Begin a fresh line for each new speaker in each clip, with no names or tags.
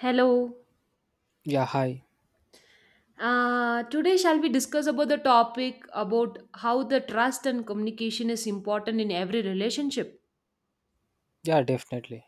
Hello.
Yeah, hi.
Today shall we discuss about the topic about how the trust and communication is important in every relationship.
Yeah, definitely.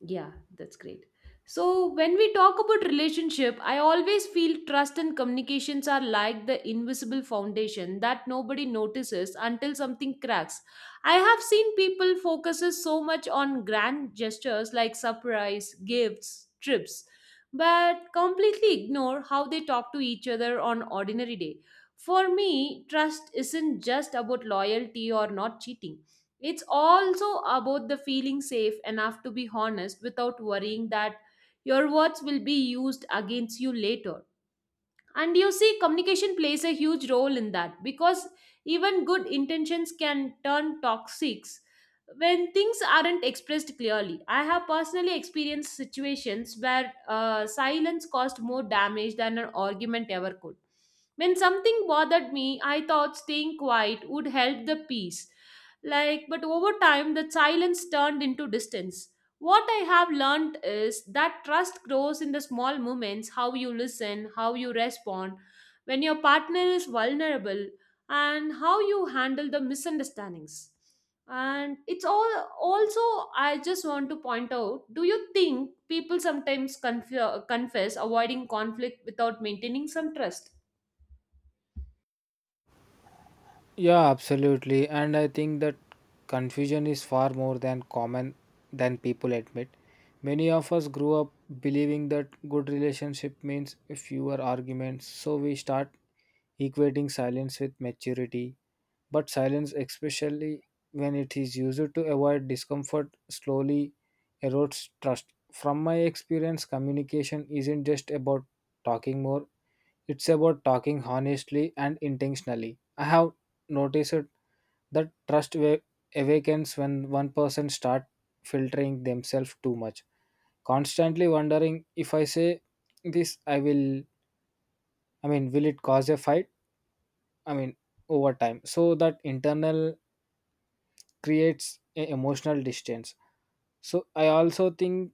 Yeah, that's great. So, when we talk about relationship, I always feel trust and communications are like the invisible foundation that nobody notices until something cracks. I have seen people focuses so much on grand gestures like surprise, gifts, trips, but completely ignore how they talk to each other on ordinary day. For me, trust isn't just about loyalty or not cheating, it's also about the feeling safe enough to be honest without worrying that your words will be used against you later. And you see, communication plays a huge role in that because even good intentions can turn toxic when things aren't expressed clearly. I have personally experienced situations where silence caused more damage than an argument ever could. When something bothered me, I thought staying quiet would help the peace. Like, but over time, the silence turned into distance. What I have learned is that trust grows in the small moments, how you listen, how you respond, when your partner is vulnerable, and how you handle the misunderstandings. And it's all also, I just want to point out, do you think people sometimes confess avoiding conflict without maintaining some trust?
Yeah, absolutely. And I think that confusion is far more than common than people admit. Many of us grew up believing that good relationship means fewer arguments, so we start equating silence with maturity. But silence, especially when it is used to avoid discomfort, slowly erodes trust. From my experience, communication isn't just about talking more. It's about talking honestly and intentionally. I have noticed that awakens when one person start filtering themselves too much, constantly wondering if I say this, I will. Will it cause a fight? I mean, Over time, so that internal creates a emotional distance. So I also think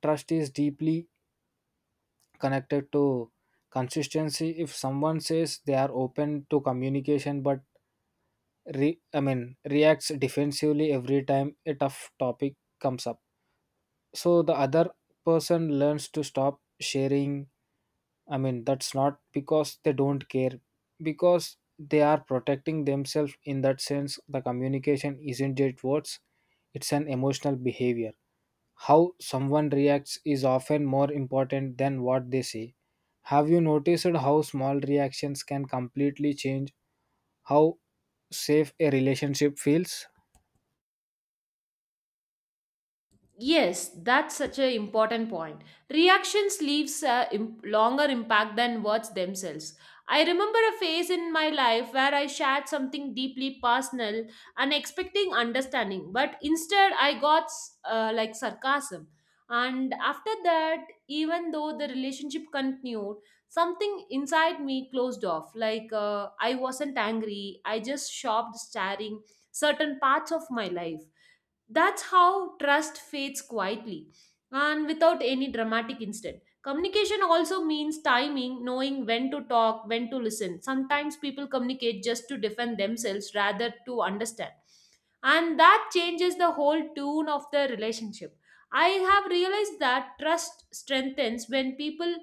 trust is deeply connected to consistency. If someone says they are open to communication but reacts defensively every time a tough topic comes up. So the other person learns to stop sharing. That's not because they don't care, because they are protecting themselves. In that sense, the communication isn't just words; it's an emotional behavior. How someone reacts is often more important than what they say. Have you noticed how small reactions can completely change how safe a relationship feels?
Yes, that's such an important point. Reactions leaves a longer impact than words themselves. I remember a phase in my life where I shared something deeply personal and expecting understanding, but instead I got like sarcasm. And after that, even though the relationship continued, something inside me closed off. Like, I wasn't angry, I just stopped sharing certain parts of my life. That's how trust fades quietly and without any dramatic incident. Communication also means timing, knowing when to talk, when to listen. Sometimes people communicate just to defend themselves rather to understand. And that changes the whole tune of the relationship. I have realized that trust strengthens when people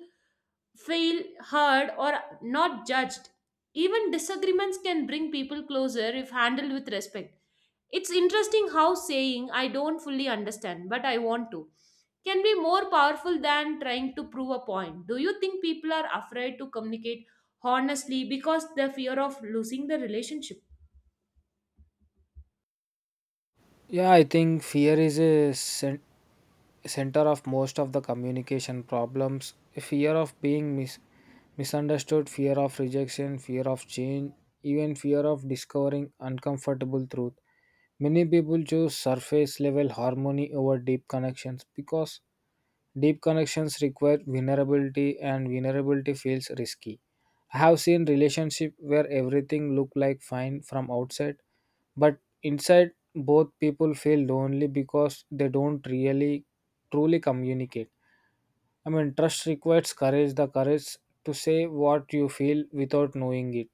feel heard or not judged. Even disagreements can bring people closer if handled with respect. It's interesting how saying, "I don't fully understand, but I want to," can be more powerful than trying to prove a point. Do you think people are afraid to communicate honestly because the fear of losing the relationship?
Yeah, I think fear is a center of most of the communication problems. Fear of being misunderstood, fear of rejection, fear of change, even fear of discovering uncomfortable truth. Many people choose surface level harmony over deep connections because deep connections require vulnerability, and vulnerability feels risky. I have seen relationships where everything looked like fine from outside, but inside both people feel lonely because they don't really truly communicate. Trust requires courage, the courage to say what you feel without knowing it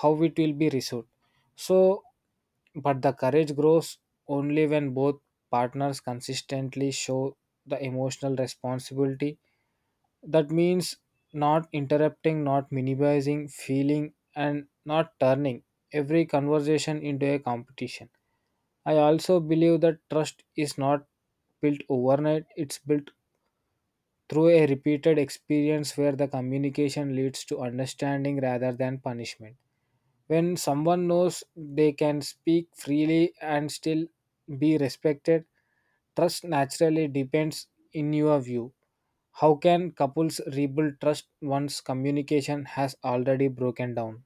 how it will be resolved. So, but the courage grows only when both partners consistently show the emotional responsibility. That means not interrupting, not minimizing feeling, and not turning every conversation into a competition. I also believe that trust is not built overnight, it's built through a repeated experience where the communication leads to understanding rather than punishment. When someone knows they can speak freely and still be respected, trust naturally depends in your view. How can couples rebuild trust once communication has already broken down?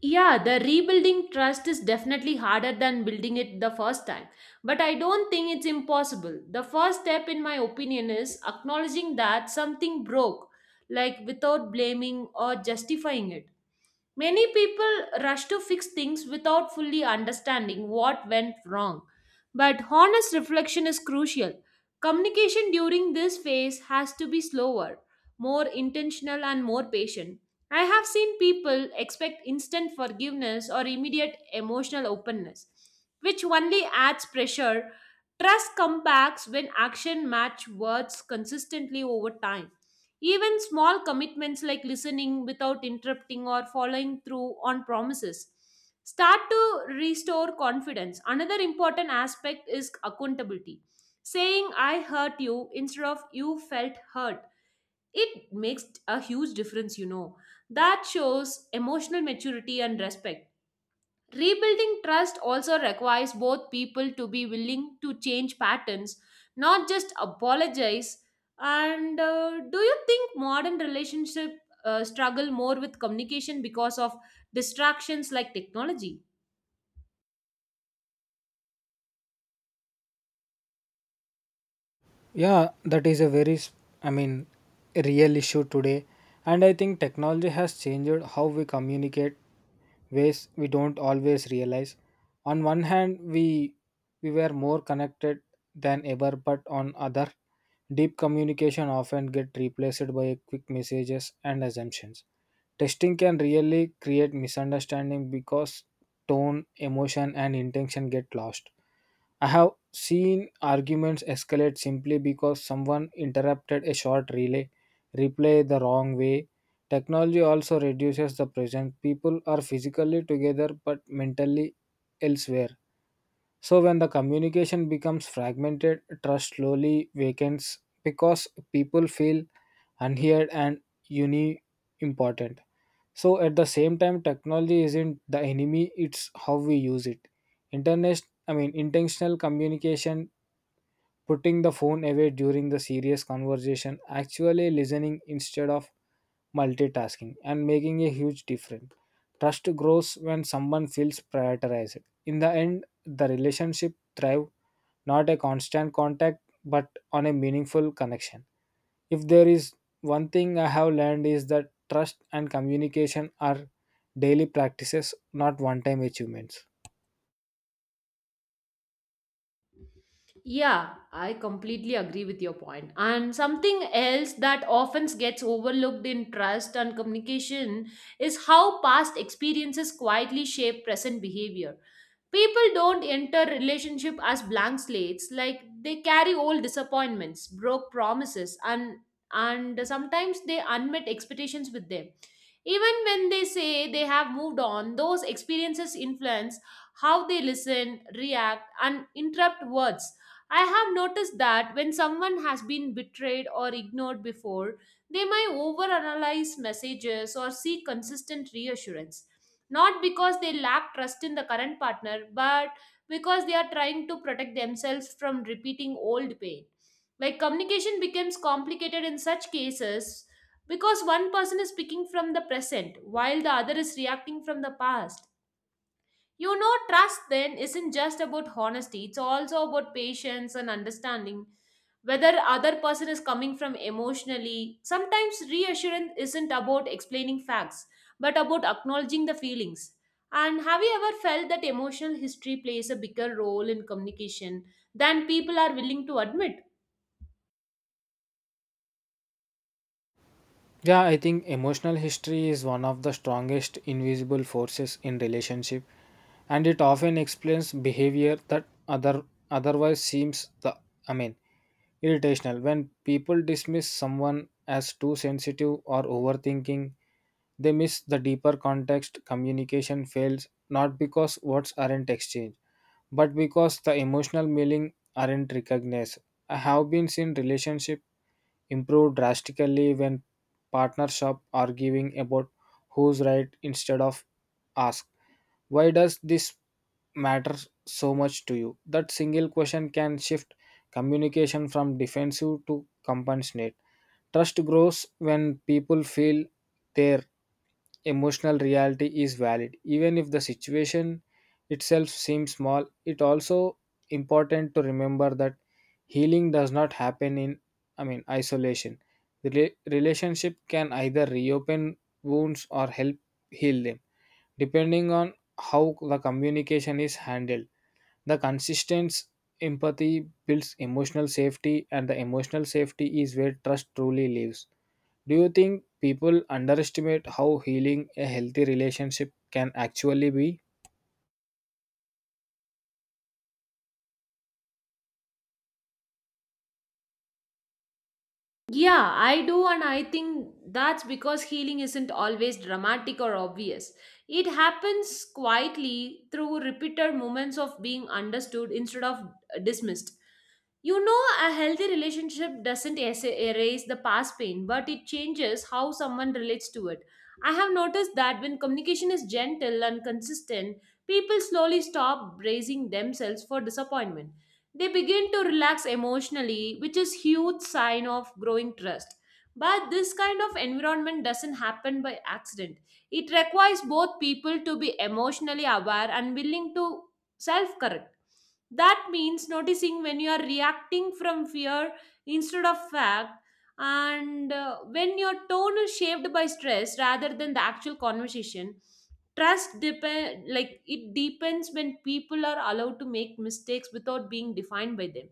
Yeah, the rebuilding trust is definitely harder than building it the first time. But I don't think it's impossible. The first step, in my opinion, is acknowledging that something broke, like without blaming or justifying it. Many people rush to fix things without fully understanding what went wrong. But honest reflection is crucial. Communication during this phase has to be slower, more intentional, and more patient. I have seen people expect instant forgiveness or immediate emotional openness, which only adds pressure. Trust comes back when action match words consistently over time. Even small commitments like listening without interrupting or following through on promises start to restore confidence. Another important aspect is accountability. Saying I hurt you instead of you felt hurt. It makes a huge difference, you know. That shows emotional maturity and respect. Rebuilding trust also requires both people to be willing to change patterns, not just apologize. And do you think modern relationship struggle more with communication because of distractions like technology?
Yeah, that is a very, s- I mean, a real issue today. And I think technology has changed how we communicate ways we don't always realize. On one hand, we were more connected than ever, but on other, deep communication often get replaced by quick messages and assumptions. Testing can really create misunderstanding because tone, emotion, and intention get lost. I have seen arguments escalate simply because someone interrupted a short replay the wrong way. Technology also reduces the presence. People are physically together but mentally elsewhere. So when the communication becomes fragmented, trust slowly wakens because people feel unheard and uni important. So at the same time, technology isn't the enemy, it's how we use it. Internet I mean Intentional communication, putting the phone away during the serious conversation, actually listening instead of multitasking, and making a huge difference. Trust grows when someone feels prioritized. In the end, the relationship thrives not a constant contact but on a meaningful connection. If there is one thing I have learned is that trust and communication are daily practices, not one time achievements.
Yeah, I completely agree with your point. And something else that often gets overlooked in trust and communication is how past experiences quietly shape present behavior. People don't enter relationship as blank slates, like they carry old disappointments, broke promises, and sometimes they unmet expectations with them. Even when they say they have moved on, those experiences influence how they listen, react, and interrupt words. I have noticed that when someone has been betrayed or ignored before, they might overanalyze messages or seek consistent reassurance. Not because they lack trust in the current partner, but because they are trying to protect themselves from repeating old pain. Like communication becomes complicated in such cases because one person is speaking from the present while the other is reacting from the past. You know, trust then isn't just about honesty, it's also about patience and understanding whether other person is coming from emotionally. Sometimes reassurance isn't about explaining facts but about acknowledging the feelings. And have you ever felt that emotional history plays a bigger role in communication than people are willing to admit?
Yeah, I think emotional history is one of the strongest invisible forces in relationship and it often explains behavior that otherwise seems the I mean irritational. When people dismiss someone as too sensitive or overthinking, they miss the deeper context. Communication fails not because words aren't exchanged, but because the emotional meaning aren't recognized. I have been seen relationship improve drastically when partners shop arguing about who's right instead of ask why does this matter so much to you? That single question can shift communication from defensive to compassionate. Trust grows when people feel their emotional reality is valid. Even if the situation itself seems small, it also important to remember that healing does not happen in isolation. The relationship can either reopen wounds or help heal them depending on how the communication is handled. The consistent empathy builds emotional safety, and the emotional safety is where trust truly lives. Do you think people underestimate how healing a healthy relationship can actually be?
Yeah, I do, and I think that's because healing isn't always dramatic or obvious. It happens quietly through repeated moments of being understood instead of dismissed. You know, a healthy relationship doesn't erase the past pain, but it changes how someone relates to it. I have noticed that when communication is gentle and consistent, people slowly stop bracing themselves for disappointment. They begin to relax emotionally, which is huge sign of growing trust. But this kind of environment doesn't happen by accident. It requires both people to be emotionally aware and willing to self-correct. That means noticing when you are reacting from fear instead of fact, and when your tone is shaped by stress rather than the actual conversation. Trust depend like it depends when people are allowed to make mistakes without being defined by them.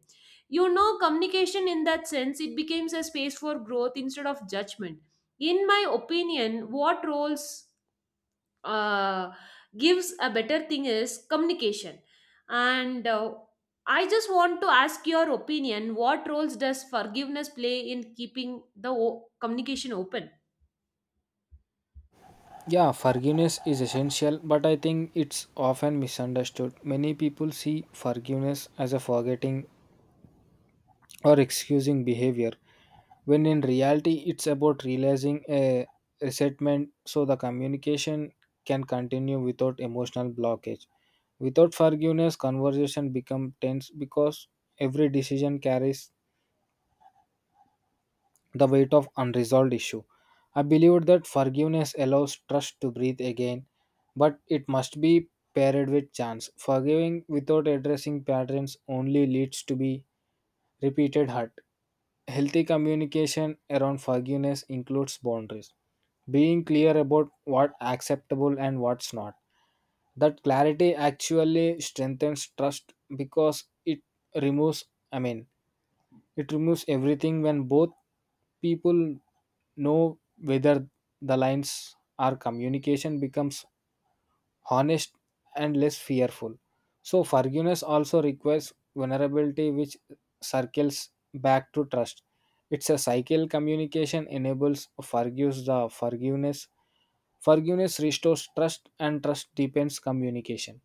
You know, communication in that sense, it becomes a space for growth instead of judgment. In my opinion, what roles uh, gives a better thing is communication. And I just want to ask your opinion. What roles does forgiveness play in keeping the communication open?
Yeah, forgiveness is essential, but I think it's often misunderstood. Many people see forgiveness as a forgetting or excusing behavior, when in reality it's about realizing a resentment so the communication can continue without emotional blockage. Without forgiveness conversation become tense because every decision carries the weight of unresolved issue. I believe that forgiveness allows trust to breathe again, but it must be paired with chance. Forgiving without addressing patterns only leads to be repeated hurt. Healthy communication around forgiveness includes boundaries, being clear about what acceptable and what's not. That clarity actually strengthens trust because it removes i mean it removes everything. When both people know whether the lines are, communication becomes honest and less fearful. So forgiveness also requires vulnerability which circles back to trust. It's a cycle. Communication enables forgives the forgiveness. Forgiveness restores trust, and trust deepens communication.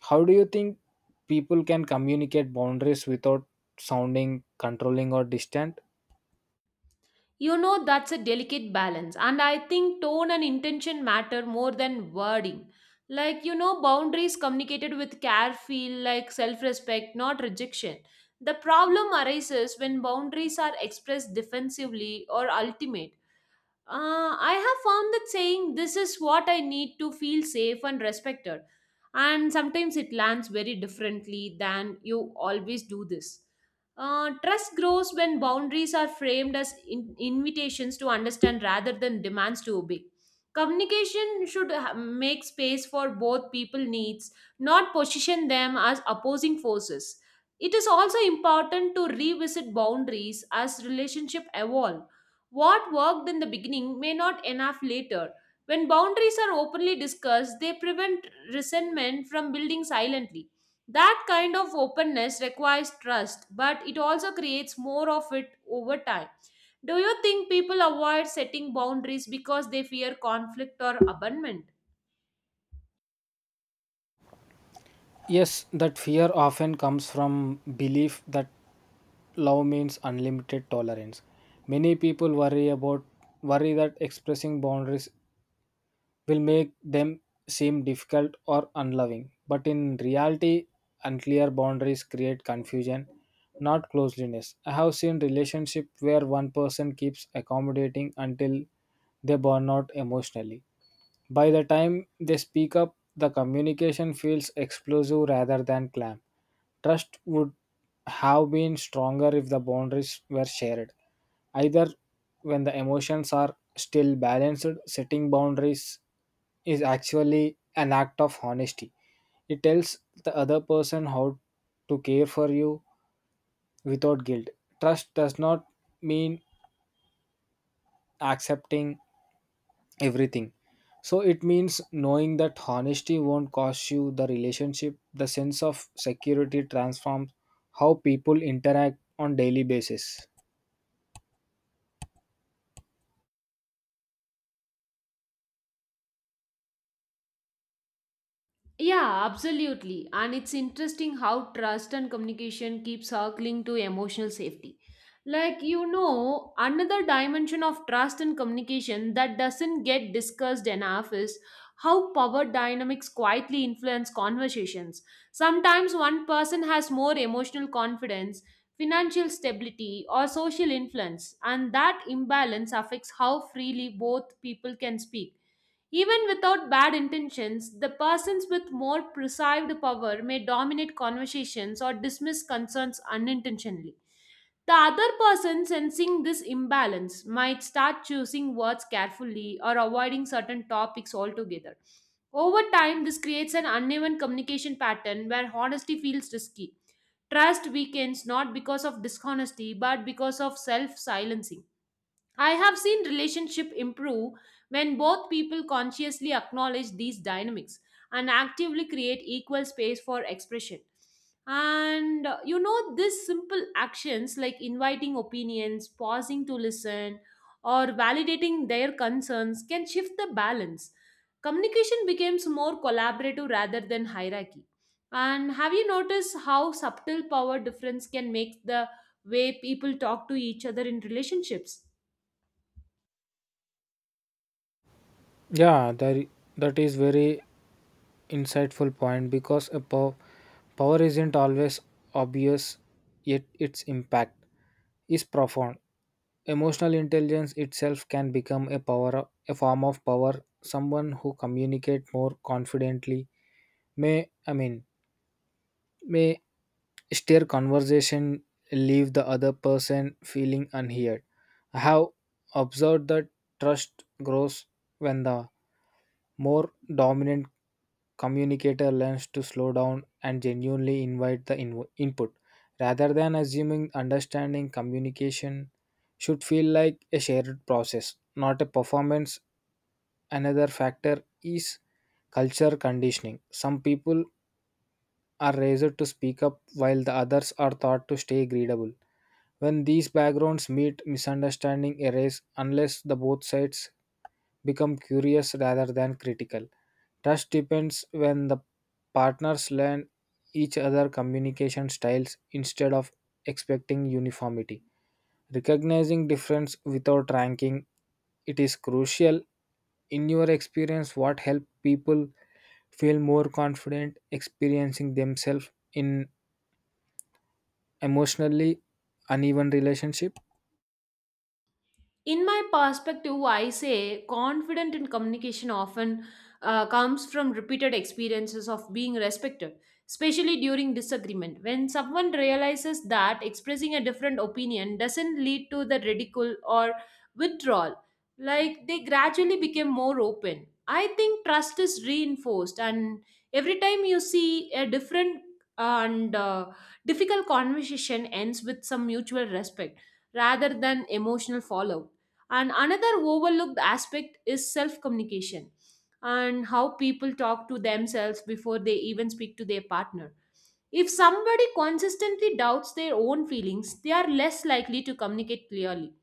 How do you think people can communicate boundaries without sounding controlling or distant?
You know, that's a delicate balance, and I think tone and intention matter more than wording. Like, you know, boundaries communicated with care feel like self respect, not rejection. The problem arises when boundaries are expressed defensively or ultimate. I have found that saying, "This is what I need to feel safe and respected." And sometimes it lands very differently than "you always do this." Trust grows when boundaries are framed as invitations to understand rather than demands to obey. Communication should make space for both people needs, not position them as opposing forces. It is also important to revisit boundaries as relationship evolve. What worked in the beginning may not enough later. When boundaries are openly discussed, they prevent resentment from building silently. That kind of openness requires trust, but it also creates more of it over time. Do you think people avoid setting boundaries because they fear conflict or abandonment?
Yes, that fear often comes from belief that love means unlimited tolerance. Many people worry about Worry that expressing boundaries will make them seem difficult or unloving. But in reality, unclear boundaries create confusion, not closeliness. I have seen relationships where one person keeps accommodating until they burn out emotionally. By the time they speak up, the communication feels explosive rather than clam. Trust would have been stronger if the boundaries were shared. Either when the emotions are still balanced, setting boundaries is actually an act of honesty. It tells the other person how to care for you without guilt. Trust does not mean accepting everything. So it means knowing that honesty won't cost you the relationship, the sense of security transforms how people interact on daily basis.
Yeah, absolutely. And it's interesting how trust and communication keep circling to emotional safety. Like, another dimension of trust and communication that doesn't get discussed enough is how power dynamics quietly influence conversations. Sometimes one person has more emotional confidence, financial stability, or social influence, and that imbalance affects how freely both people can speak. Even without bad intentions, the persons with more perceived power may dominate conversations or dismiss concerns unintentionally. The other person sensing this imbalance might start choosing words carefully or avoiding certain topics altogether. Over time, this creates an uneven communication pattern where honesty feels risky. Trust weakens not because of dishonesty but because of self silencing. I have seen relationship improve when both people consciously acknowledge these dynamics and actively create equal space for expression. And these simple actions like inviting opinions, pausing to listen, or validating their concerns can shift the balance. Communication becomes more collaborative rather than hierarchy. And have you noticed how subtle power difference can make the way people talk to each other in relationships?
Yeah, that is very insightful point because power isn't always obvious, yet its impact is profound. Emotional intelligence itself can become a power, a form of power. Someone who communicate more confidently may, I mean, may steer conversation leave the other person feeling unheard. I have observed that trust grows when the more dominant communicator learns to slow down and genuinely invite the input. Rather than assuming understanding, communication should feel like a shared process, not a performance. Another factor is culture conditioning. Some people are raised to speak up while the others are taught to stay agreeable. When these backgrounds meet, misunderstanding arise unless the both sides become curious rather than critical. Trust depends when the partners learn each other communication styles instead of expecting uniformity. Recognizing difference without ranking it is crucial. In your experience, what help people feel more confident experiencing themselves in emotionally uneven relationship?
In my perspective, I say confident in communication often comes from repeated experiences of being respected, especially during disagreement when someone realizes that expressing a different opinion doesn't lead to the ridicule or withdrawal. Like, they gradually become more open. I think trust is reinforced, and every time you see a different and difficult conversation ends with some mutual respect rather than emotional fallout. And another overlooked aspect is self communication and how people talk to themselves before they even speak to their partner. If somebody consistently doubts their own feelings, they are less likely to communicate clearly.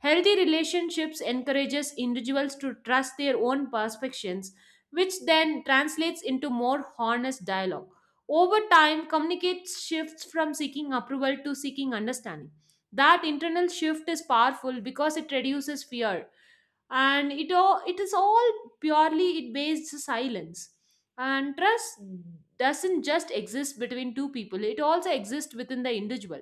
Healthy relationships encourages individuals to trust their own perceptions, which then translates into more honest dialogue. Over time, communicate shifts from seeking approval to seeking understanding. That internal shift is powerful because it reduces fear, and it is all purely it based silence. And trust doesn't just exist between two people, it also exists within the individual.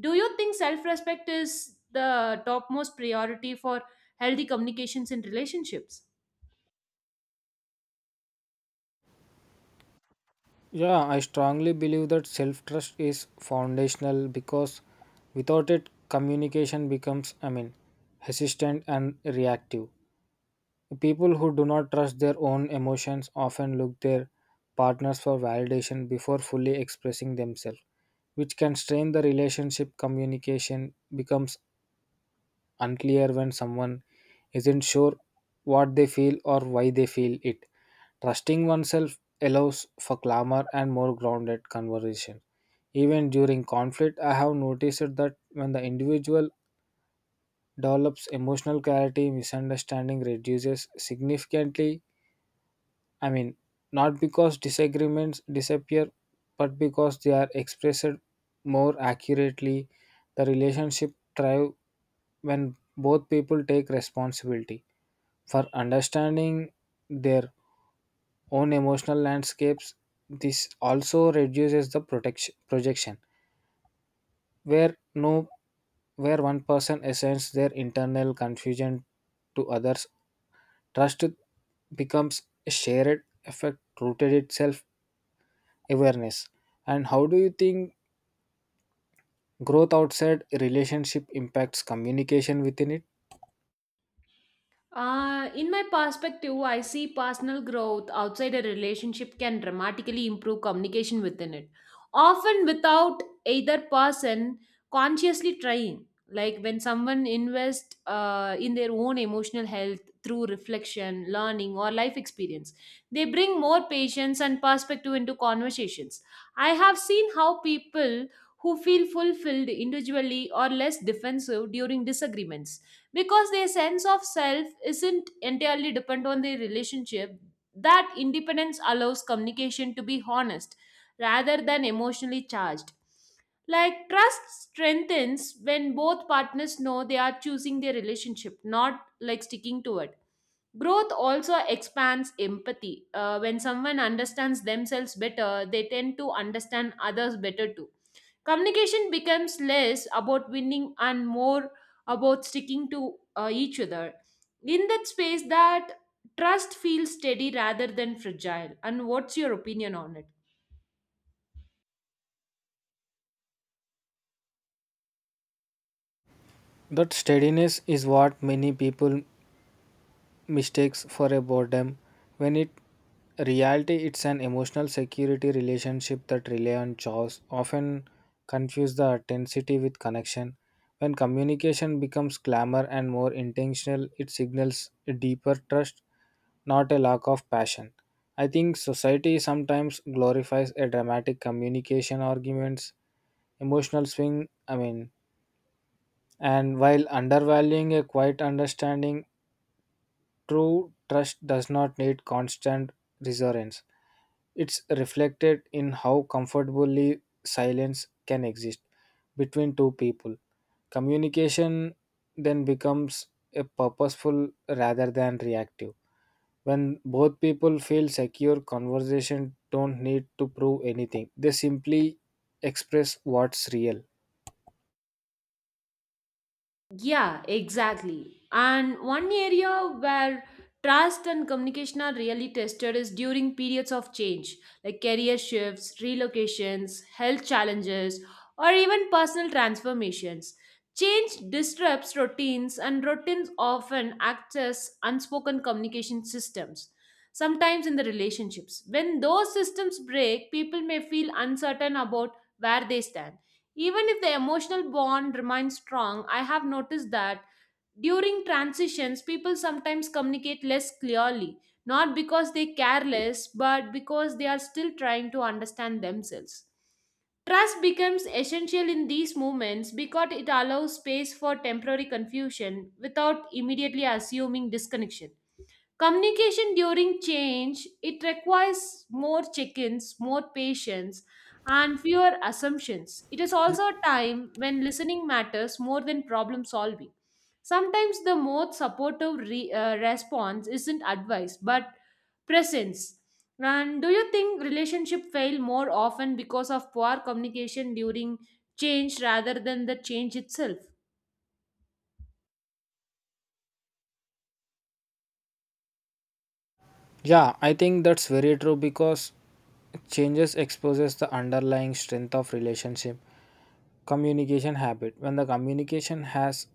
Do you think self respect is the topmost priority for healthy communications in relationships?
Yeah, I strongly believe that self trust is foundational because without it communication becomes hesitant and reactive. People who do not trust their own emotions often look their partners for validation before fully expressing themselves, which can strain the relationship. Communication becomes unclear when someone isn't sure what they feel or why they feel it. Trusting oneself allows for calmer and more grounded conversation. Even during conflict, I have noticed that when the individual develops emotional clarity, misunderstanding reduces significantly. I mean, Not because disagreements disappear, but because they are expressed more accurately. The relationship thrive when both people take responsibility for understanding their own emotional landscapes. This also reduces the protection projection, where no where one person assigns their internal confusion to others. Trust becomes a shared effect rooted itself awareness. And how do you think growth outside relationship impacts communication within it?
In my perspective, I see personal growth outside a relationship can dramatically improve communication within it, often without either person consciously trying. Like when someone invests in their own emotional health through reflection, learning, or life experience, they bring more patience and perspective into conversations. I have seen how people who feel fulfilled individually are less defensive during disagreements because their sense of self isn't entirely dependent on their relationship. That independence allows communication to be honest rather than emotionally charged. Like, trust strengthens when both partners know they are choosing their relationship, not like sticking to it. Growth also expands empathy. When someone understands themselves better, they tend to understand others better too. Communication becomes less about winning and more about sticking to each other. In that space, that trust feels steady rather than fragile. And what's your opinion on it?
That steadiness is what many people mistakes for a boredom when it reality it's an emotional security. Relationship that rely on chores often confuse the intensity with connection. When communication becomes glamour and more intentional it signals a deeper trust, not a lack of passion. I think society sometimes glorifies a dramatic communication, arguments, emotional swing, and while undervaluing a quiet understanding. True trust does not need constant reassurance. It's reflected in how comfortably silence can exist between two people. Communication then becomes a purposeful rather than reactive. When both people feel secure, conversation don't need to prove anything. They simply express what's real.
Yeah, exactly. And one area where trust and communication are really tested is during periods of change, like career shifts, relocations, health challenges, or even personal transformations. Change disrupts routines, and routines often act as unspoken communication systems. Sometimes in the relationships, when those systems break, people may feel uncertain about where they stand. Even if the emotional bond remains strong, I have noticed that during transitions, people sometimes communicate less clearly, not because they care less, but because they are still trying to understand themselves. Trust becomes essential in these moments because it allows space for temporary confusion without immediately assuming disconnection. Communication during change, it requires more chickens, more patience, and fewer assumptions. It is also a time when listening matters more than problem solving. Sometimes the most supportive response isn't advice but presence. And do you think relationship fail more often because of poor communication during change rather than the change itself?
Yeah, I think that's very true because changes exposes the underlying strength of relationship communication habit. When the communication has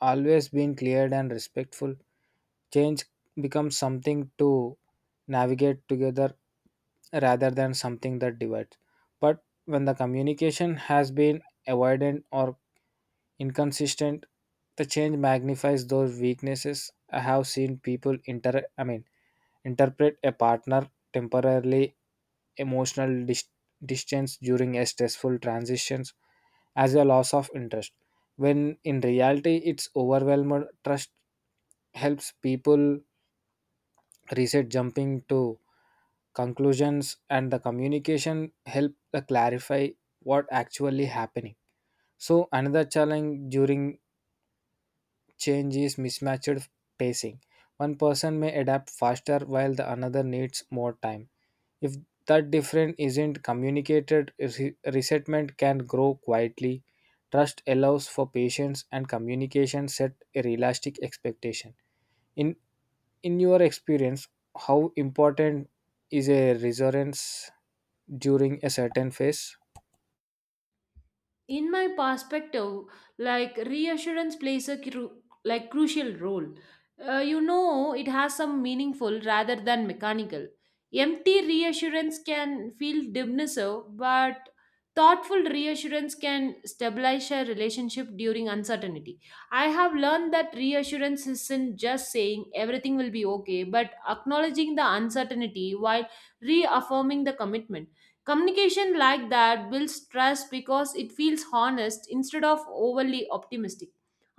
always been clear and respectful, change becomes something to navigate together rather than something that divides. But when the communication has been avoidant or inconsistent, the change magnifies those weaknesses. I have seen people interpret a partner temporarily emotional distance during a stressful transitions as a loss of interest when in reality it's overwhelmed. Trust helps people reset jumping to conclusions and the communication help the clarify what actually happening. So another challenge during change is mismatched pacing. One person may adapt faster while the another needs more time. If that difference isn't communicated, resentment can grow quietly. Trust allows for patience and communication set a realistic expectation. In in your experience, how important is a resonance during a certain phase?
In my perspective, like, reassurance plays a crucial role. You know, it has some meaningful rather than mechanical. Empty reassurance can feel dismissive, but thoughtful reassurance can stabilize a relationship during uncertainty. I have learned that reassurance isn't just saying everything will be okay but acknowledging the uncertainty while reaffirming the commitment. Communication like that builds trust because it feels honest instead of overly optimistic.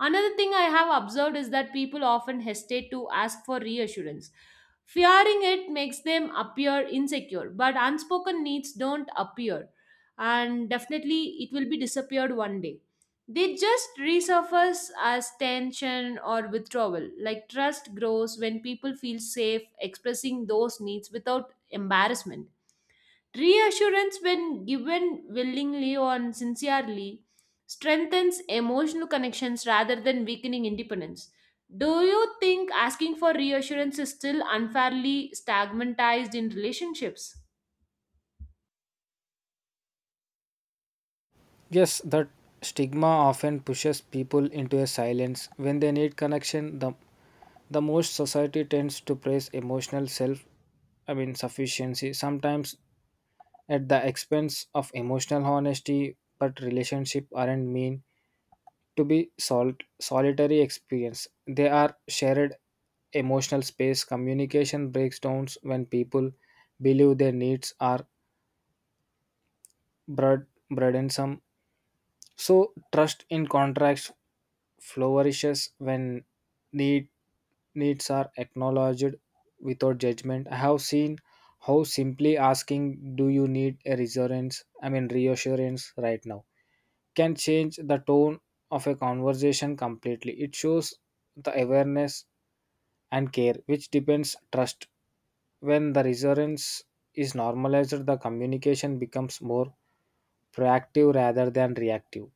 Another thing I have observed is that people often hesitate to ask for reassurance, fearing it makes them appear insecure, but unspoken needs don't appear, and definitely it will be disappeared one day. They just resurface as tension or withdrawal. Like, trust grows when people feel safe expressing those needs without embarrassment. Reassurance, when given willingly or sincerely, strengthens emotional connections rather than weakening independence. Do you think asking for reassurance is still unfairly stigmatized in relationships?
Yes, that stigma often pushes people into a silence when they need connection. The most society tends to praise emotional self sufficiency. Sometimes at the expense of emotional honesty, but relationships aren't meant to be solitary experience. They are shared emotional space. Communication breaks down when people believe their needs are burdensome. So trust in contracts flourishes when need needs are acknowledged without judgment. I have seen how simply asking, "Do you need a reassurance?" Reassurance right now can change the tone of a conversation completely. It shows the awareness and care, which depends trust. When the reassurance is normalized, the communication becomes more proactive rather than reactive.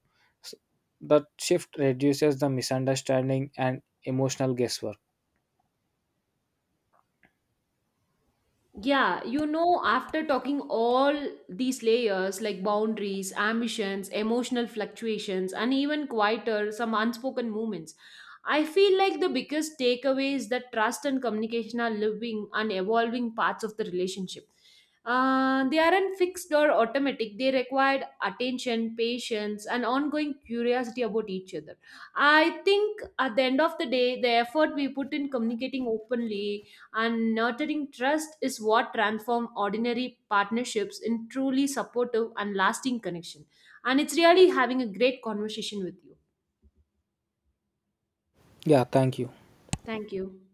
S- That shift reduces the misunderstanding and emotional guesswork.
Yeah, after talking all these layers like boundaries, ambitions, emotional fluctuations, and even quieter, some unspoken moments, I feel like the biggest takeaway is that trust and communication are living and evolving parts of the relationship. They aren't fixed or automatic, they require attention, patience, and ongoing curiosity about each other. I think at the end of the day, the effort we put in communicating openly and nurturing trust is what transforms ordinary partnerships in truly supportive and lasting connection. And it's really having a great conversation with you.
Yeah, thank you.
Thank you.